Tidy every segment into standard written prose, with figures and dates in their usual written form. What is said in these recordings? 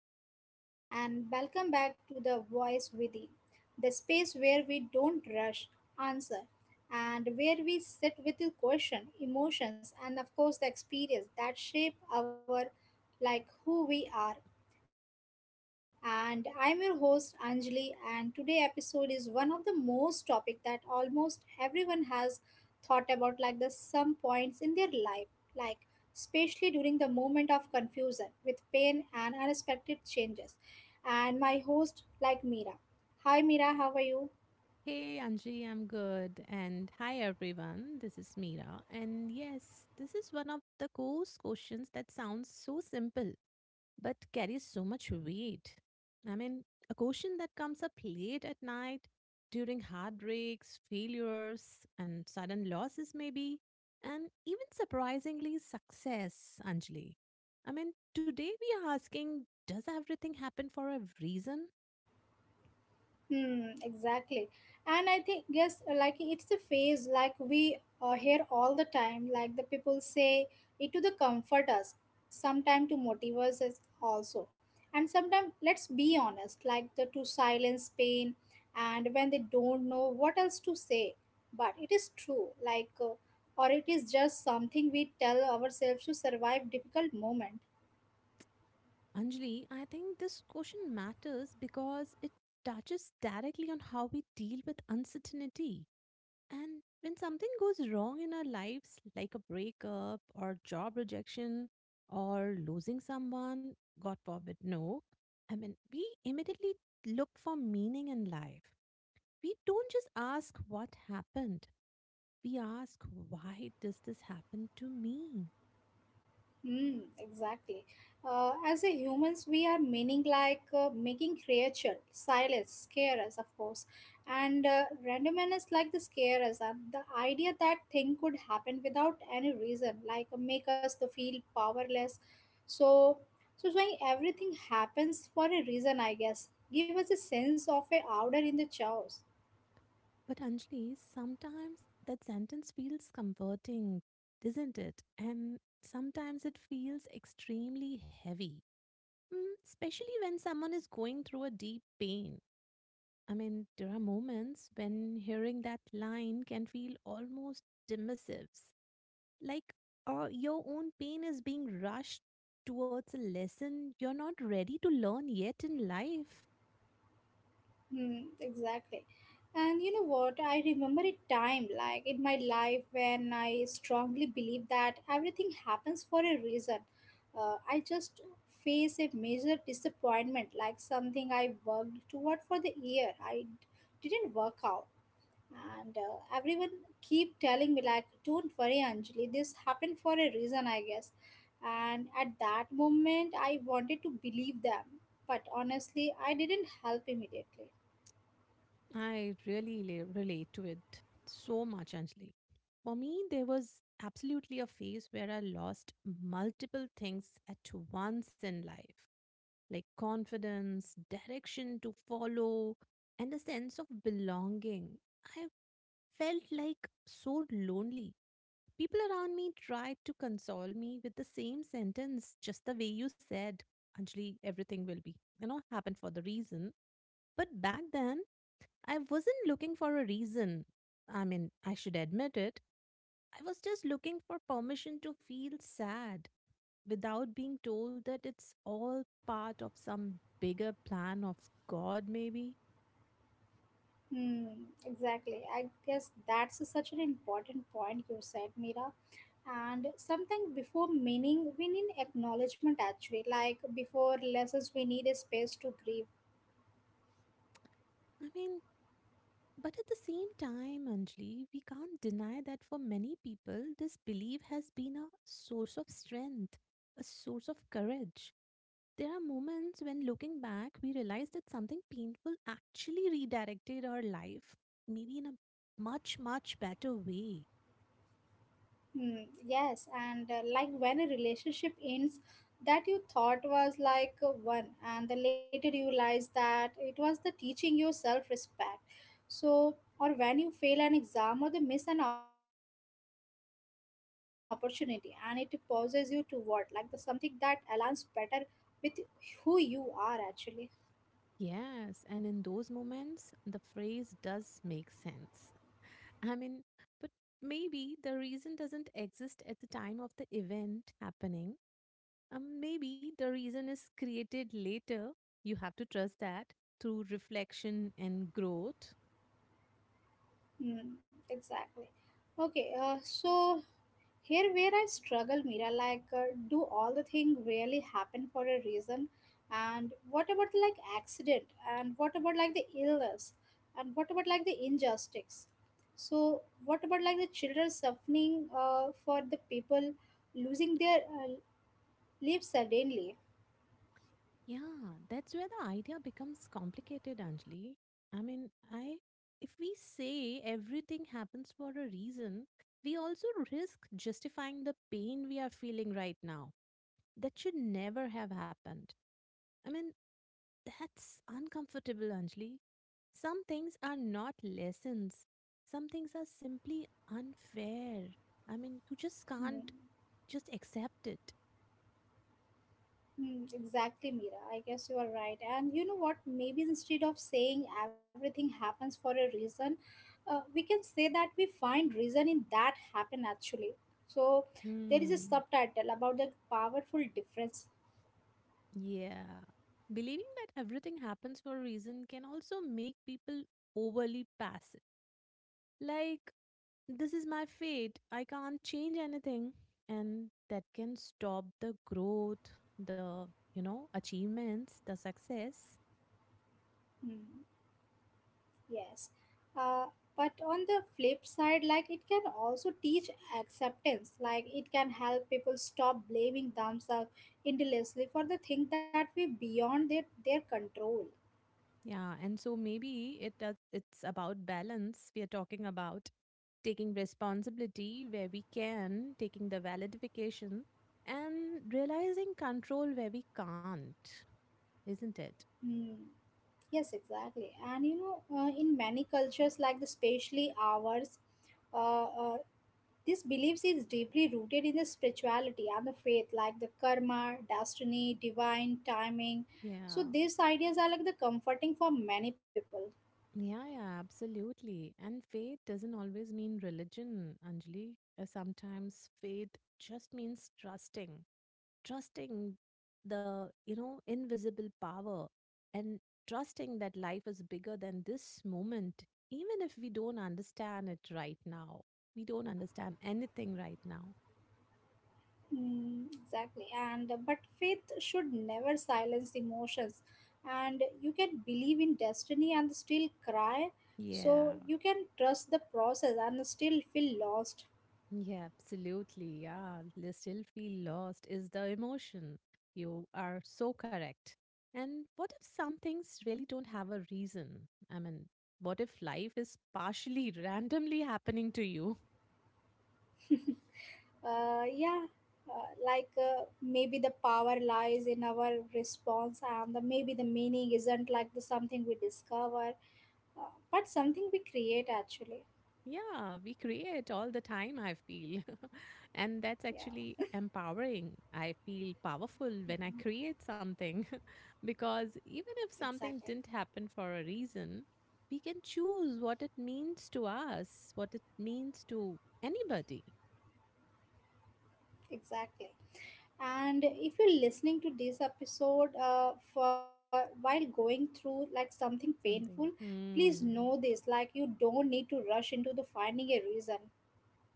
hello everyone, and welcome back to The Voice Within, the space where we don't rush, answer, and where we sit with the question, emotions, and of course the experience that shape our like who we are. And I'm your host Anjali, and today episode is one of the most topic that almost everyone has thought about like the some points in their life, like especially during the moment of confusion with pain and unexpected changes, and my host like Mira. Hi Mira, how are you? Hey Anji, I'm good. And hi everyone, this is Meera. And yes, this is one of the course questions that sounds so simple but carries so much weight. I mean, a question that comes up late at night, during heartbreaks, failures, and sudden losses, maybe, and even surprisingly, success, Anjali. I mean, today we are asking, does everything happen for a reason? Exactly. And I think, yes, like it's the phase like we hear all the time, like the people say it to the comfort us, sometime to motivate us as- also. And sometimes, let's be honest, like the to silence pain and when they don't know what else to say. But it is true, like, or it is just something we tell ourselves to survive difficult moment. Anjali, I think this question matters because it touches directly on how we deal with uncertainty. And when something goes wrong in our lives, like a breakup or job rejection or losing someone, God forbid, no, I mean, we immediately look for meaning in life. We don't just ask what happened, we ask, why does this happen to me? Mm, exactly. As a humans, we are meaning like making creature, silence, scare us, of course, and randomness like the scare us. And the idea that thing could happen without any reason, like make us to feel powerless. So, so saying everything happens for a reason, I guess, give us a sense of a order in the chaos. But Anjali, sometimes that sentence feels comforting, doesn't it? And sometimes it feels extremely heavy, especially when someone is going through a deep pain. I mean, there are moments when hearing that line can feel almost dismissive, like your own pain is being rushed towards a lesson you're not ready to learn yet in life. Exactly. And you know what? I remember a time like in my life when I strongly believed that everything happens for a reason. I just face a major disappointment, like something I worked toward for the year. Didn't work out. And everyone keep telling me like, don't worry, Anjali, this happened for a reason, I guess. And at that moment, I wanted to believe them. But honestly, I didn't help immediately. I really relate to it so much, Anjali. For me, there was absolutely a phase where I lost multiple things at once in life, like confidence, direction to follow, and a sense of belonging. I felt like so lonely. People around me tried to console me with the same sentence, just the way you said, Anjali, everything will be happen for the reason. But back then, I wasn't looking for a reason. I mean, I should admit it. I was just looking for permission to feel sad without being told that it's all part of some bigger plan of God, maybe. Hmm, exactly. I guess that's such an important point you said, Mira. And something before meaning, we need acknowledgement actually. Like before lessons, we need a space to grieve. I mean, but at the same time, Anjali, we can't deny that for many people, this belief has been a source of strength, a source of courage. There are moments when, looking back, we realize that something painful actually redirected our life, maybe in a much, much better way. Yes, and like when a relationship ends, that you thought was like one, and then later you realize that it was the teaching you self respect. So, or when you fail an exam or the miss an opportunity, and it pauses you toward like the something that aligns better with who you are actually. Yes, and in those moments, the phrase does make sense. I mean, but maybe the reason doesn't exist at the time of the event happening. Maybe the reason is created later. You have to trust that through reflection and growth. Mm, exactly. Okay, so here where I struggle, Mira, like, do all the thing really happen for a reason? And what about like accident? And what about like the illness? And what about like the injustice? So what about like the children suffering for the people losing their lives suddenly? Yeah, that's where the idea becomes complicated, Anjali. I mean, I if we say everything happens for a reason, we also risk justifying the pain we are feeling right now. That should never have happened. I mean, that's uncomfortable, Anjali. Some things are not lessons, some things are simply unfair. I mean, you just Hmm. can't just accept it. Hmm, exactly, Mira. I guess you are right. And you know what? Maybe instead of saying everything happens for a reason, we can say that we find reason in that happen actually. So there is a Hmm. subtitle about the powerful difference. Yeah. Believing that everything happens for a reason can also make people overly passive. Like, this is my fate. I can't change anything. And that can stop the growth, the, you know, achievements, the success. Hmm, yes. Uh, but on the flip side, like it can also teach acceptance. Like it can help people stop blaming themselves endlessly for the thing that we beyond their control. Yeah. And so maybe it does, it's about balance. We are talking about taking responsibility where we can, taking the validification and realizing control where we can't, isn't it? Hmm. Yes, exactly. And you know, in many cultures, like the especially ours, uh, uh, this beliefs is deeply rooted in the spirituality and the faith, like the karma, destiny, divine timing. Yeah. So these ideas are like the comforting for many people. Yeah, yeah, absolutely. And faith doesn't always mean religion, Anjali. Sometimes faith just means trusting the invisible power, and trusting that life is bigger than this moment, even if we don't understand it right now. We don't understand anything right now. Mm, exactly. And but faith should never silence emotions, and you can believe in destiny and still cry. Yeah. So you can trust the process and still feel lost. Yeah, absolutely. Yeah, they still feel lost is the emotion. You are so correct. And what if some things really don't have a reason? I mean, what if life is partially randomly happening to you? Yeah, like maybe the power lies in our response and maybe the meaning isn't like the something we discover, uh, but something we create actually. Yeah, we create all the time, I feel. And that's Yeah. actually empowering. I feel powerful when I Mm, create something because even if something exactly. didn't happen for a reason, we can choose what it means to us, what it means to anybody. Exactly. And if you're listening to this episode for while going through like something painful, Something. please know this, Hmm. like you don't need to rush into the finding a reason.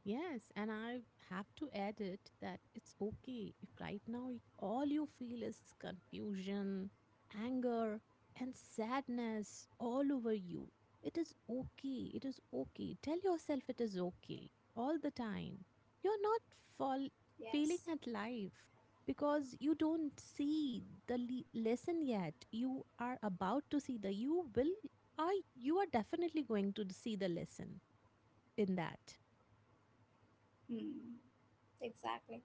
Yes, and I have to add it that it's okay if right now all you feel is confusion, anger, and sadness all over you. It is okay. It is okay. Tell yourself it is okay all the time. You're not fall- failing Yes. at life because you don't see the lesson yet. You are about to see the you will are you are definitely going to see the lesson in that. Hmm. Exactly.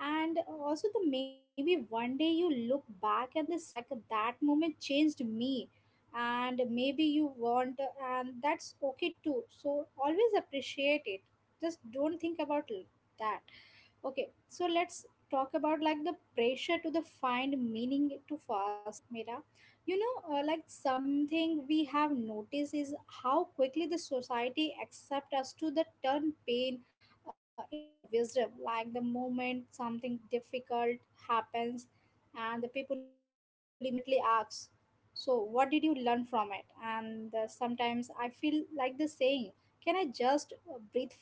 And also the maybe one day you look back and they say like that moment changed me, and maybe you want, and that's okay too, so always appreciate it, just don't think about that. Okay, so let's talk about like the pressure to the find meaning to fast, Mira. You know, like something we have noticed is how quickly the society accept us to the turn pain into the wisdom. Like the moment something difficult happens, and the people immediately ask, "So, what did you learn from it?" And sometimes I feel like the saying, "Can I just breathe first?"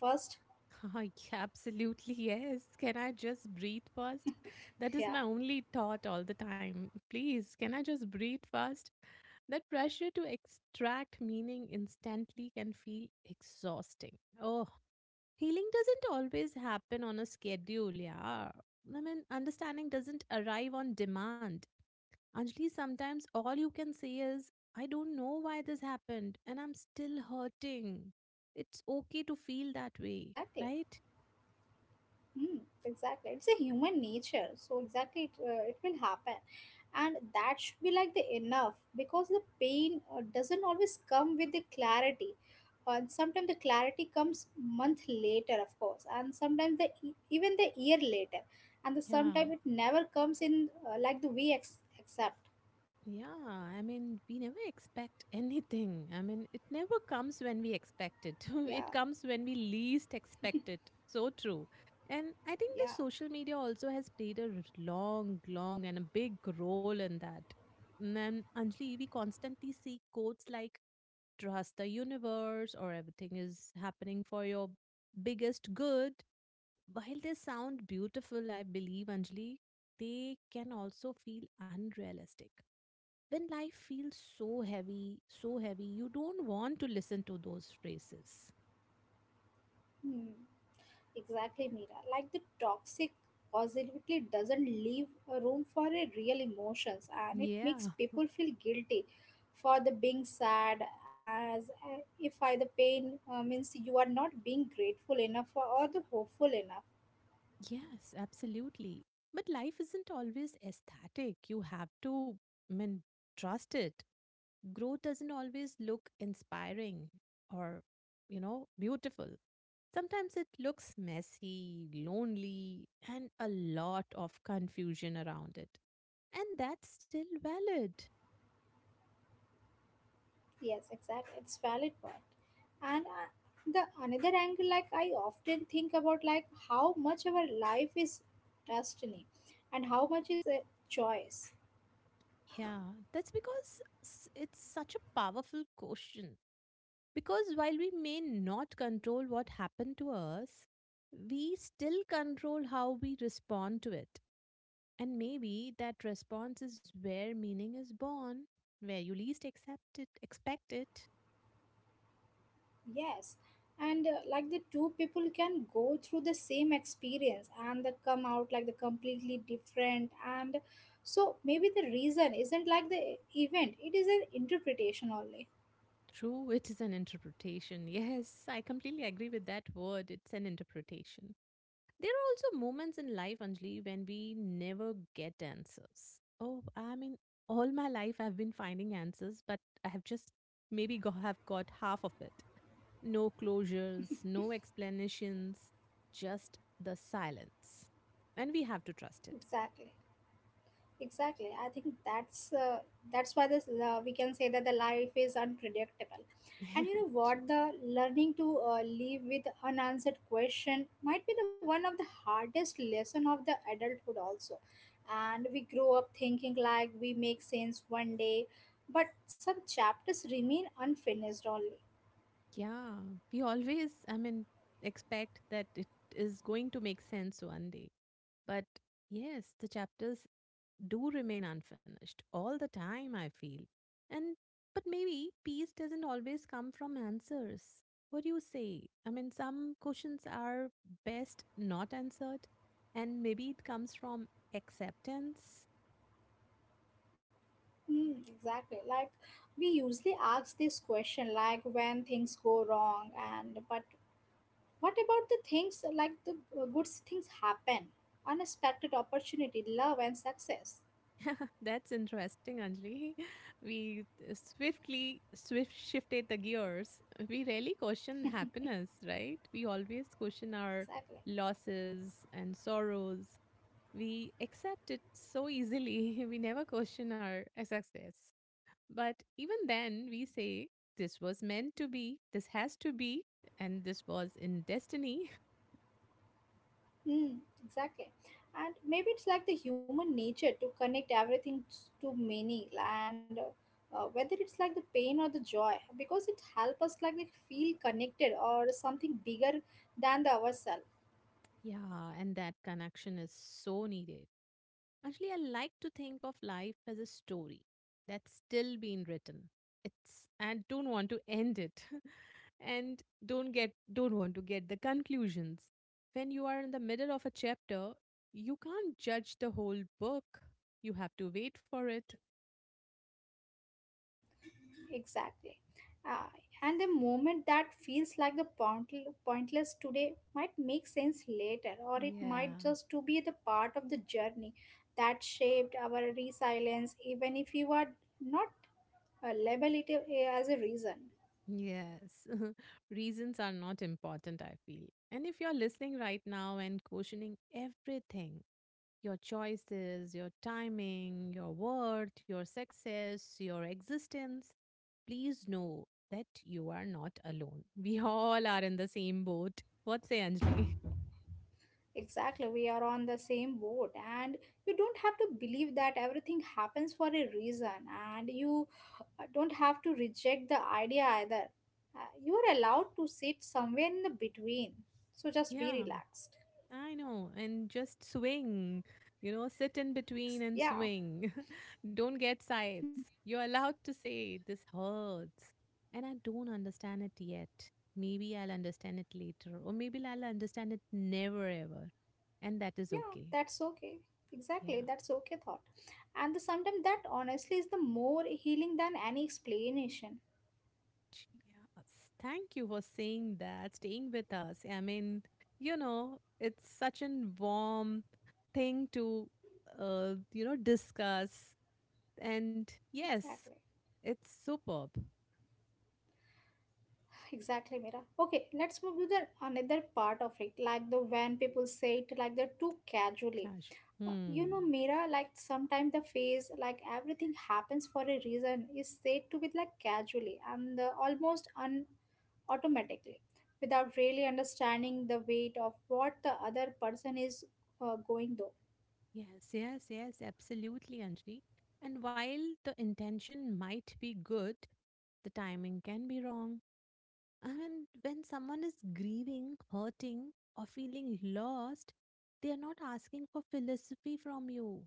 Ah, yeah, absolutely, yes. Can I just breathe first? That Yeah, is my only thought all the time. Please, can I just breathe first? That pressure to extract meaning instantly can feel exhausting. Oh, healing doesn't always happen on a schedule, yeah. I mean, understanding doesn't arrive on demand. Anjali, sometimes all you can say is, I don't know why this happened and I'm still hurting. It's okay to feel that way, exactly. right? Hmm. Exactly. It's a human nature. So exactly, it will happen, and that should be like the enough because the pain doesn't always come with the clarity. And sometimes the clarity comes month later, of course, and sometimes the even the year later, and the Yeah, sometimes it never comes in like the accept. yeah. I mean, we never expect anything. I mean, it never comes when we expect it. Yeah, It comes when we least expect it. So true. And I think the yeah. social media also has played long, long, and a big role in that. And then, Anjali, we constantly see quotes like "trust the universe" or "everything is happening for your biggest good." While they sound beautiful, I believe, Anjali, they can also feel unrealistic. When life feels so heavy, you don't want to listen to those phrases. Hmm. Exactly, Mira. Like the toxic positivity doesn't leave a room for a real emotions, and it Yeah, makes people feel guilty for the being sad, as if I the pain means you are not being grateful enough for, or the hopeful enough. yes, absolutely. But life isn't always aesthetic. You have to, I mean, trust it. Growth doesn't always look inspiring or beautiful. Sometimes it looks messy, lonely, and a lot of confusion around it. And that's still valid. Yes, exactly. It's valid point. And the another angle, like I often think about, like how much our life is destiny, and how much is a choice. Yeah, that's because it's such a powerful question. Because while we may not control what happened to us, we still control how we respond to it. And maybe that response is where meaning is born, where you least accept it, expect it. Yes, and like the two people can go through the same experience and they come out like the completely different. And so maybe the reason isn't like the event, it is an interpretation only. True, it is an interpretation. Yes, I completely agree with that word. It's an interpretation. There are also moments in life, Anjali, when we never get answers. Oh, I mean, all my life I've been finding answers, but I have just maybe have got half of it. No closures, no explanations, just the silence. And we have to trust it. Exactly. Exactly. I think that's why this we can say that the life is unpredictable. And you know True. what? The learning to live with unanswered question might be the one of the hardest lesson of the adulthood also. And we grow up thinking like we make sense one day, but some chapters remain unfinished only. Yeah, we always, I mean, expect that it is going to make sense one day. But yes, the chapters do remain unfinished all the time, I feel. And but maybe peace doesn't always come from answers. What do you say? I mean, some questions are best not answered, and maybe it comes from acceptance. Mm, exactly. Like we usually ask this question like when things go wrong and but what about the things like the good things happen, unexpected opportunity, love, and success? That's interesting, Anjali. We swiftly swift shifted the gears. We rarely question happiness, right? We always question our Exactly. losses and sorrows. We accept it so easily, we never question our success. But even then, we say, this was meant to be, this has to be, and this was in destiny. Hmm. Exactly. And maybe it's like the human nature to connect everything to meaning, and whether it's like the pain or the joy, because it helps us like we feel connected or something bigger than the ourselves. Yeah, and that connection is so needed. Actually, I like to think of life as a story that's still being written. It's and don't want to end it, and don't get don't want to get the conclusions. When you are in the middle of a chapter, you can't judge the whole book. You have to wait for it. Exactly. Uh, and the moment that feels like pointless today might make sense later, or it Yeah. might just to be the part of the journey that shaped our resilience, even if you are not label it as a reason. Yes. Reasons are not important, I feel. And if you're listening right now and questioning everything, your choices, your timing, your worth, your success, your existence, please know that you are not alone. We all are in the same boat. What say, Anjali? Exactly, we are on the same boat, and you don't have to believe that everything happens for a reason, and you don't have to reject the idea either. You are allowed to sit somewhere in the between, so just be Yeah, relaxed. I know. And just swing, sit in between and Yeah, swing. Don't get sides. You're allowed to say, this hurts. And I don't understand it yet. Maybe I'll understand it later, or maybe I'll understand it never ever. And that is yeah, okay. that's okay. Exactly, Yeah. that's okay thought, and sometimes that honestly is the more healing than any explanation. Yes, thank you for saying that, staying with us. I mean, you know, it's such a warm thing to discuss. And yes, Exactly. it's superb. Exactly, Mira. Okay, let's move to the another part of it, like the when people say it like they're too casually. Casual. Hmm. You know, Mira, like sometimes the phase, like everything happens for a reason, is said to be like casually and almost un automatically, without really understanding the weight of what the other person is going through. Yes, yes, yes, absolutely, Anjali. And while the intention might be good, the timing can be wrong. And when someone is grieving, hurting, or feeling lost, they are not asking for philosophy from you.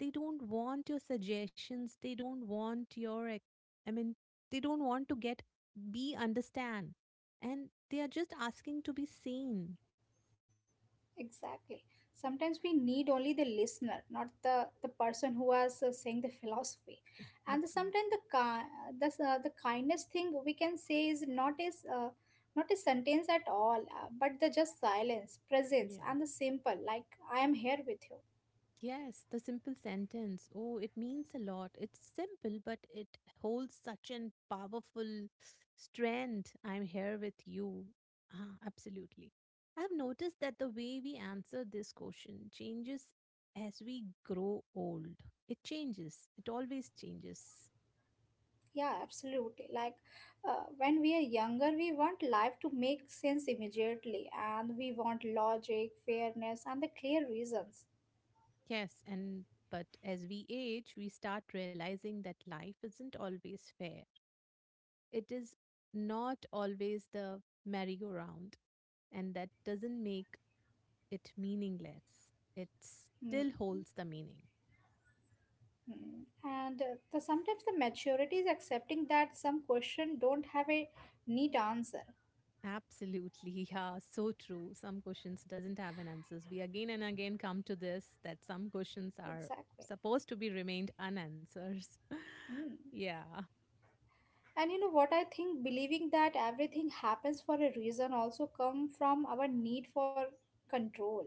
They don't want your suggestions. They don't want your, I mean, they don't want to get, be understand. And they are just asking to be seen. Exactly. Sometimes we need only the listener, not the person who was saying the philosophy. And Absolutely. sometimes the kindness thing we can say is not a sentence at all, but the just silence, presence, Yeah. and the simple like I am here with you. Yes, the simple sentence. Oh, it means a lot. It's simple, but it holds such an powerful strength. I'm here with you. Ah, absolutely. I've noticed that the way we answer this question changes as we grow old. It changes. It always changes. Yeah, absolutely. Like when we are younger, we want life to make sense immediately, and we want logic, fairness, and the clear reasons. Yes, and but as we age, we start realizing that life isn't always fair. It is not always the merry-go-round, and that doesn't make it meaningless. It Hmm. still holds the meaning. Mm. And sometimes the maturity is accepting that some question don't have a neat answer. Absolutely, yeah, so true. Some questions doesn't have an answers. We again and again come to this that some questions are Exactly. supposed to be remained unanswered. Mm. Yeah. And you know what I think believing that everything happens for a reason also come from our need for control.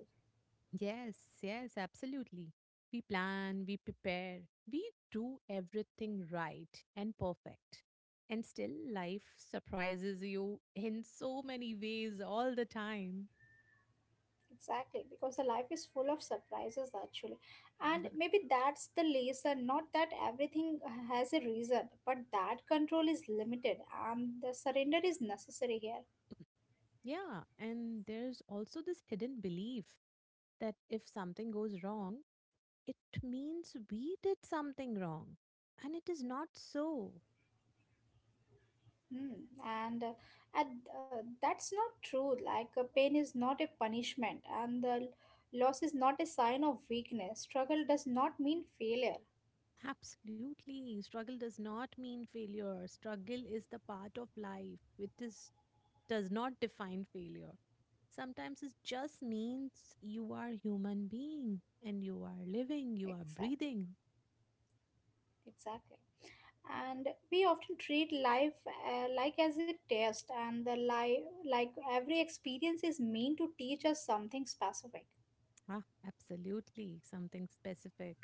Yes, yes, absolutely. We plan, we prepare, we do everything right and perfect. And still, life surprises you in so many ways all the time. Exactly, because the life is full of surprises actually. And maybe that's the lesson, not that everything has a reason, but that control is limited and the surrender is necessary here. Yeah, and there's also this hidden belief that if something goes wrong, it means we did something wrong. And it is not so. Hmm. And that's not true. Like, pain is not a punishment, and loss is not a sign of weakness. Struggle does not mean failure. Absolutely. Struggle does not mean failure. Struggle is the part of life. It is does not define failure. Sometimes it just means you are human being and you are living, you are Exactly. breathing. Exactly. And we often treat life like as a test, and the life like every experience is meant to teach us something specific. Ah, absolutely. Something specific.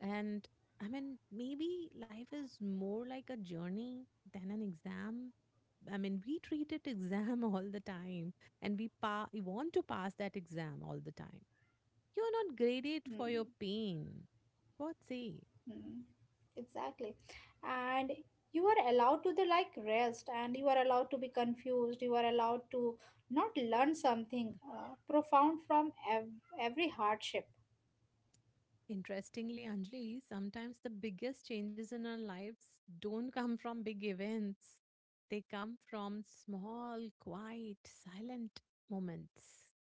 And I mean, maybe life is more like a journey than an exam. I mean, we treat it exam all the time and we want to pass that exam all the time. You're not graded for your Hmm. pain. What say? Mm, exactly. And you are allowed to the like rest and you are allowed to be confused. You are allowed to not learn something profound from every hardship. Interestingly, Anjali, sometimes the biggest changes in our lives don't come from big events. They come from small, quiet, silent moments.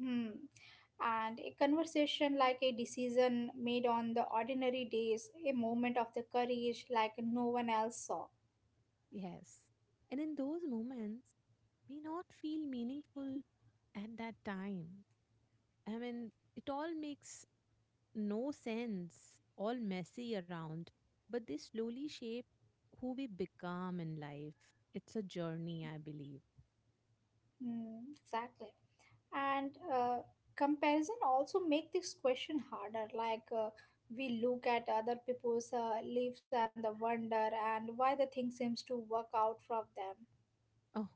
Hmm. And a conversation like a decision made on the ordinary days, a moment of the courage like no one else saw. Yes. And in those moments, may not feel meaningful at that time. I mean, it all makes no sense, all messy around, but they slowly shape who we become in life. It's a journey, I believe. Hmm. exactly. and Comparison also make this question harder like we look at other people's lives and the wonder and why the thing seems to work out from them. Oh,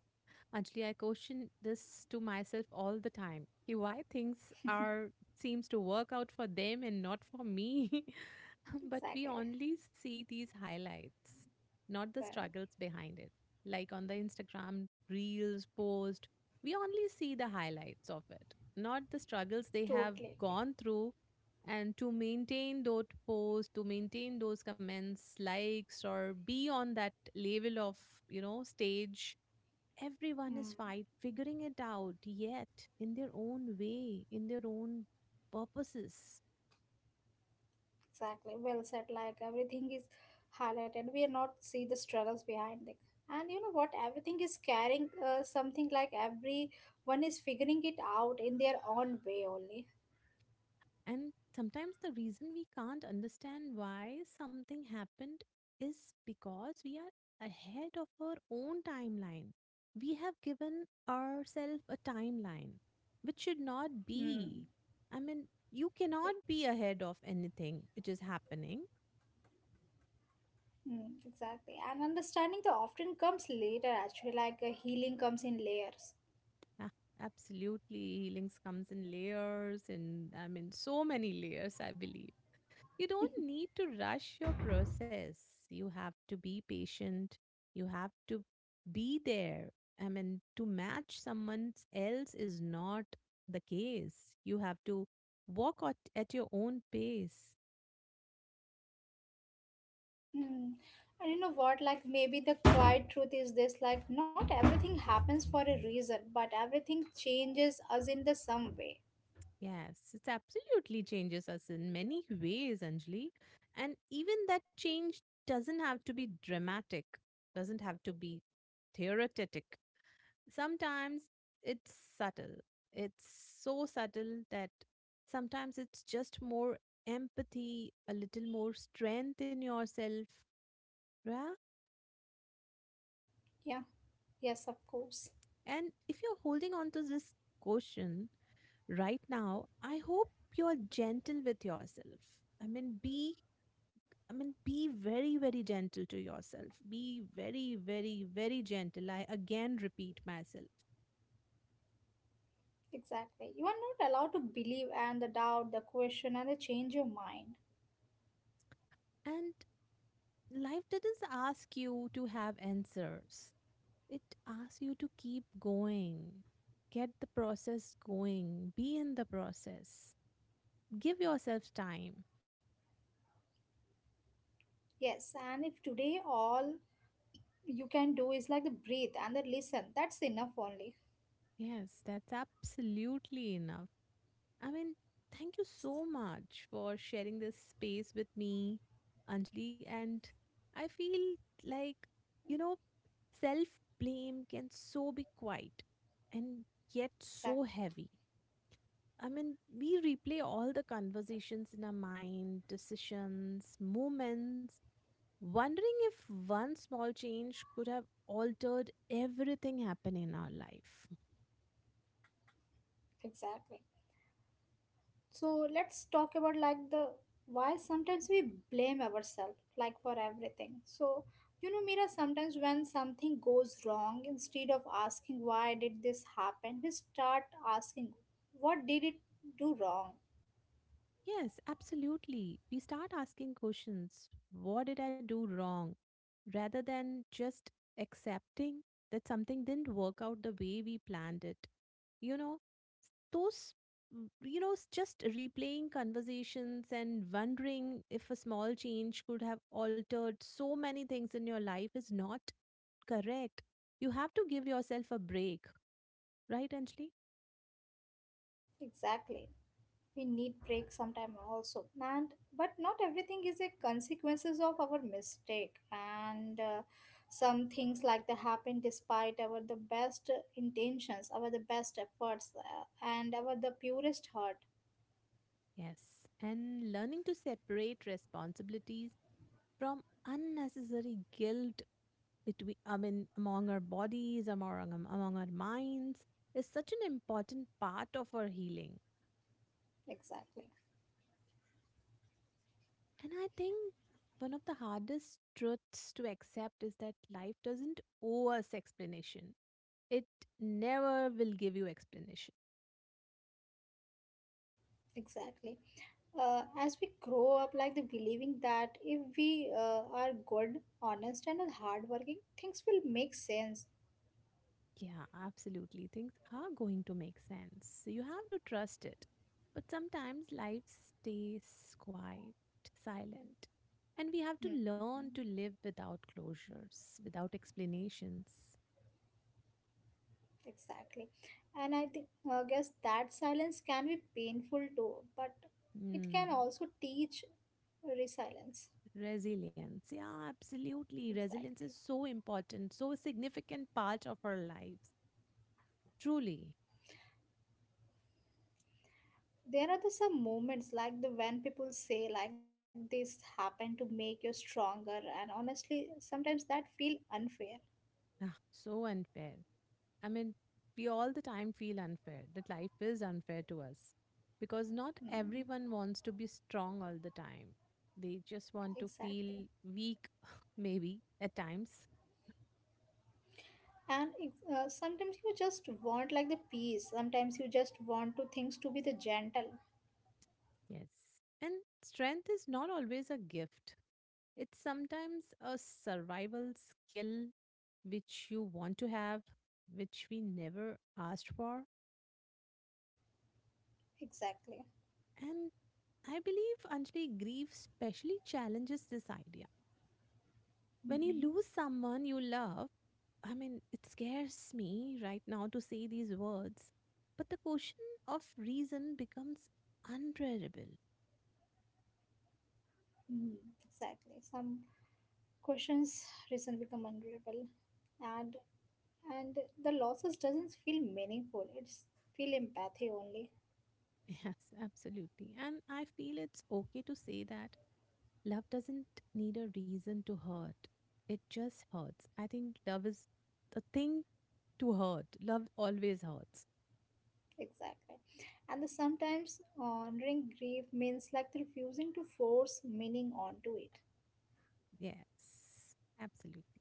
actually, I question this to myself all the time. Ki Why things are seems to work out for them and not for me? but we Exactly. only see these highlights, not the Well, struggles behind it. Like on the Instagram reels post, we only see the highlights of it, not the struggles they have totally agree. gone through. And to maintain those posts, to maintain those comments, likes, or be on that level of, you know, stage, everyone is Hmm, fight figuring it out yet in their own way, in their own purposes. exactly. Well said, like everything is highlighted, we are not see the struggles behind it. And you know what, everything is carrying something, like everyone is figuring it out in their own way only. And sometimes the reason we can't understand why something happened is because we are ahead of our own timeline. We have given ourselves a timeline, which should not Hmm. be. I mean, you cannot be ahead of anything which is happening. Mm, exactly. And understanding the often comes later, actually, like healing comes in layers. Ah, absolutely. Healings comes in layers and I mean so many layers, I believe. You don't need to rush your process. You have to be patient. You have to be there. I mean, to match someone else is not the case. You have to walk at your own pace. Mm. And you know what? Like, maybe the quiet truth is this, like, not everything happens for a reason, but everything changes us in the some way. Yes, it absolutely changes us in many ways, Anjali. And even that change doesn't have to be dramatic, doesn't have to be theoretic. Sometimes it's subtle. It's so subtle that sometimes it's just more empathy, a little more strength in yourself. Yeah. Yeah, yes, of course. And if you're holding on to this question right now, I hope you're gentle with yourself. I mean, be. I mean, be very, very gentle to yourself. Be very, very, very gentle. I again repeat myself. Exactly. You are not allowed to believe and the doubt, the question, and the change your mind. And life didn't ask you to have answers. It asks you to keep going, get the process going, be in the process, give yourself time. Yes, and if today all you can do is like the breathe and the listen, that's enough only. Yes, that's absolutely enough. I mean, thank you so much for sharing this space with me, Anjali. And I feel like, you know, self blame can so be quiet and yet so Exactly. heavy. I mean, we replay all the conversations in our mind, decisions, moments. Wondering if one small change could have altered everything happening in our life. Exactly. So let's talk about like the why sometimes we blame ourselves like for everything. So you know, Mira, sometimes when something goes wrong, instead of asking why did this happen, we start asking, what did it do wrong? Yes, absolutely. We start asking questions. What did I do wrong? Rather than just accepting that something didn't work out the way we planned it. You know, those you know just replaying conversations and wondering if a small change could have altered so many things in your life is not correct. You have to give yourself a break, right, Anjali? Exactly, we need breaks sometime also. And but not everything is a consequences of our mistake, and some things like that happen despite our the best intentions, our the best efforts and our the purest heart. Yes. And learning to separate responsibilities from unnecessary guilt between I mean among our bodies among our minds is such an important part of our healing. Exactly. And I think one of the hardest truths to accept is that life doesn't owe us explanation. It never will give you explanation. Exactly. As we grow up, like the believing that if we are good, honest and hardworking, things will make sense. Yeah, absolutely. Things are going to make sense. You have to trust it. But sometimes life stays quiet, silent. And we have to Hmm. learn to live without closures, without explanations. Exactly. And I think, I guess that silence can be painful too, but it Hmm. can also teach resilience. Resilience. Yeah, absolutely. Resilience is Exactly. so important, so significant part of our lives. Truly. There are the some moments like the when people say like this happened to make you stronger, and honestly, sometimes that feel unfair. Ah, so unfair. I mean, we all the time feel unfair, that life is unfair to us because not Mm, everyone wants to be strong all the time. They just want to feel exactly. weak, maybe at times. And sometimes you just want like the peace. Sometimes you just want to things to be the gentle. Yes. And strength is not always a gift, it's sometimes a survival skill which you want to have, which we never asked for. Exactly. And I believe Anjali grief specially challenges this idea. When you Mm-hmm. lose someone you love, I mean, it scares me right now to say these words, but the question of reason becomes unbearable. Mm, exactly. Some questions reason become unbearable, and and the losses doesn't feel meaningful, it's feel empathy only. Yes, absolutely. And I feel it's okay to say that love doesn't need a reason to hurt. It just hurts. I think love is the thing to hurt. Love always hurts. Exactly. And the sometimes honoring grief means like the refusing to force meaning onto it. Yes, absolutely.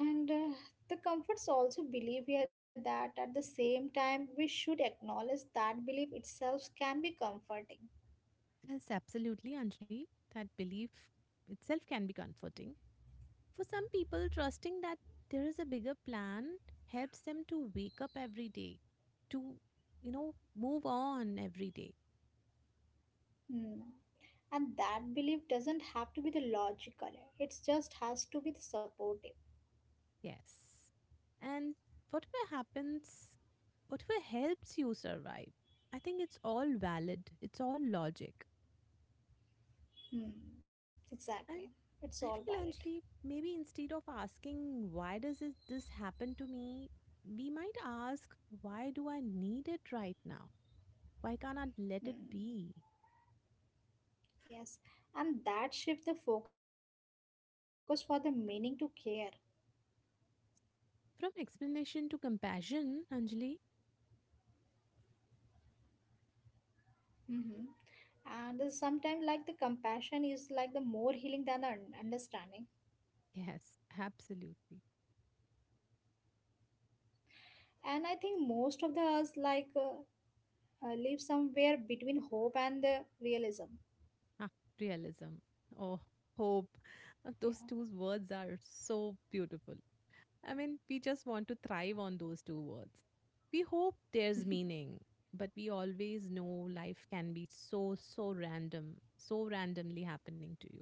And the comforts also believe here that at the same time we should acknowledge that belief itself can be comforting. Yes, absolutely, Anjali. That belief itself can be comforting. For some people, trusting that there is a bigger plan helps them to wake up every day, to, you know, move on every day. Hmm. And that belief doesn't have to be the logical, it just has to be the supportive. Yes. And whatever happens, whatever helps you survive, I think it's all valid. It's all logic. Hmm, exactly. And It's all I valid. feel, Anjali, maybe instead of asking, why does it, this happen to me? We might ask, why do I need it right now? Why can't I let it Hmm, be? yes. And that shift the focus for the meaning to care. From explanation to compassion, Anjali. Mm-hmm. And sometimes, like the compassion is like the more healing than the understanding. Yes, absolutely. And I think most of the us live somewhere between hope and the realism. Ah, realism. Oh, hope. Those Yeah, two words are so beautiful. I mean, we just want to thrive on those two words. We hope there's meaning, but we always know life can be so, so random, so randomly happening to you.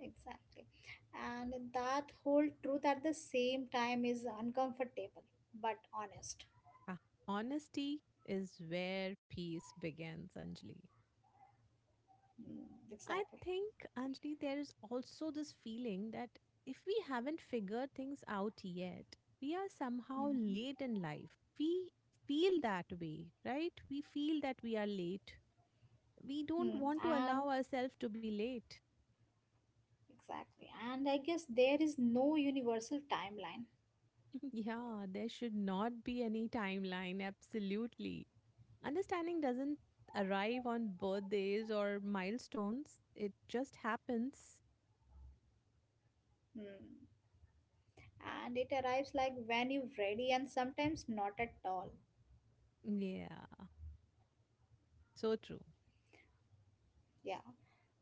exactly. And that whole truth at the same time is uncomfortable but honest. Ah, honesty is where peace begins, Anjali. Hmm, exactly. I think, Anjali, there is also this feeling that if we haven't figured things out yet, we are somehow Mm-hmm. late in life. We feel that way, right? We feel that we are late, we don't Hmm. want to And allow ourselves to be late. exactly. And I guess there is no universal timeline. yeah, there should not be any timeline, absolutely. Understanding doesn't arrive on birthdays or milestones, it just happens. Hmm. And it arrives like when you're ready and sometimes not at all. Yeah, so true. Yeah.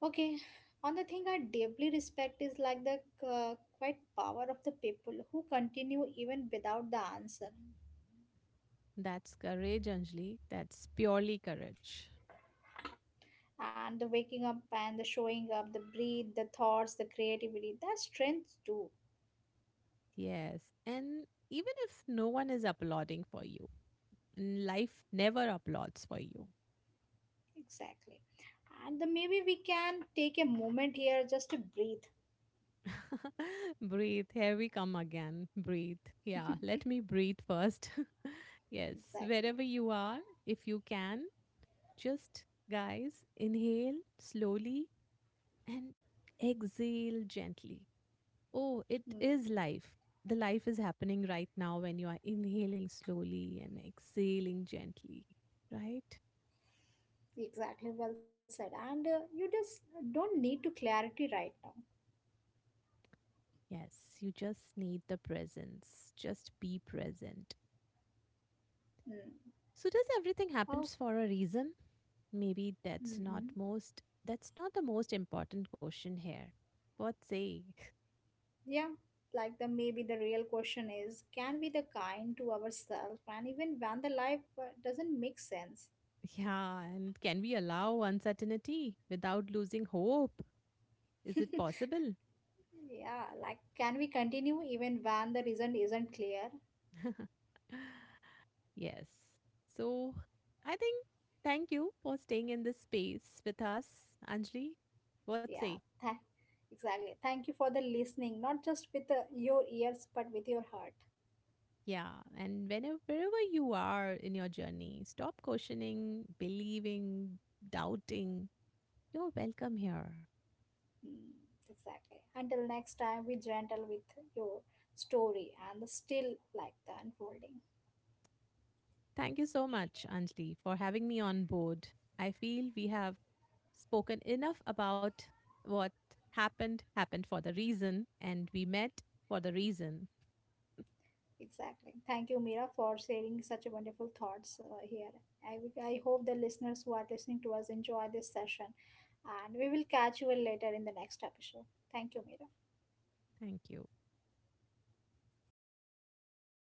Okay. On the thing I deeply respect is like the quite power of the people who continue even without the answer. That's courage, Anjali. That's purely courage. And the waking up and the showing up, the breathe, the thoughts, the creativity, that strength too. Yes. And even if no one is applauding for you, and life never applauds for you, Exactly. And the, maybe we can take a moment here just to breathe. breathe. Here we come again. Breathe. Yeah, let me breathe first. yes, Exactly. wherever you are, if you can, just guys, inhale slowly and exhale gently. Oh, it is Hmm. life. The life is happening right now when you are inhaling slowly and exhaling gently, right? Exactly, well said. And you just don't need to clarity right now. Yes, you just need the presence. Just be present. Mm. So, does everything Oh, happens for a reason? Maybe mm-hmm. That's not the most important question here. What say? Yeah. Like the maybe the real question is, can we the kind to ourselves and even when the life doesn't make sense? Yeah, and can we allow uncertainty without losing hope? Is it possible? Yeah, like can we continue even when the reason isn't clear? yes. So I think thank you for staying in this space with us, Anjali. What say? Yeah, tha- exactly. Thank you for the listening, not just with your ears but with your heart. Yeah, and whenever wherever you are in your journey, stop questioning, believing, doubting. You're welcome here. Mm, exactly. Until next time, be gentle with your story and still like the unfolding. Thank you so much, Anjali, for having me on board. I feel we have spoken enough about what happened, happened for the reason, and we met for the reason. Exactly. Thank you, Mira, for sharing such a wonderful thoughts here. I hope the listeners who are listening to us enjoy this session, and we will catch you later in the next episode. Thank you, Mira. Thank you.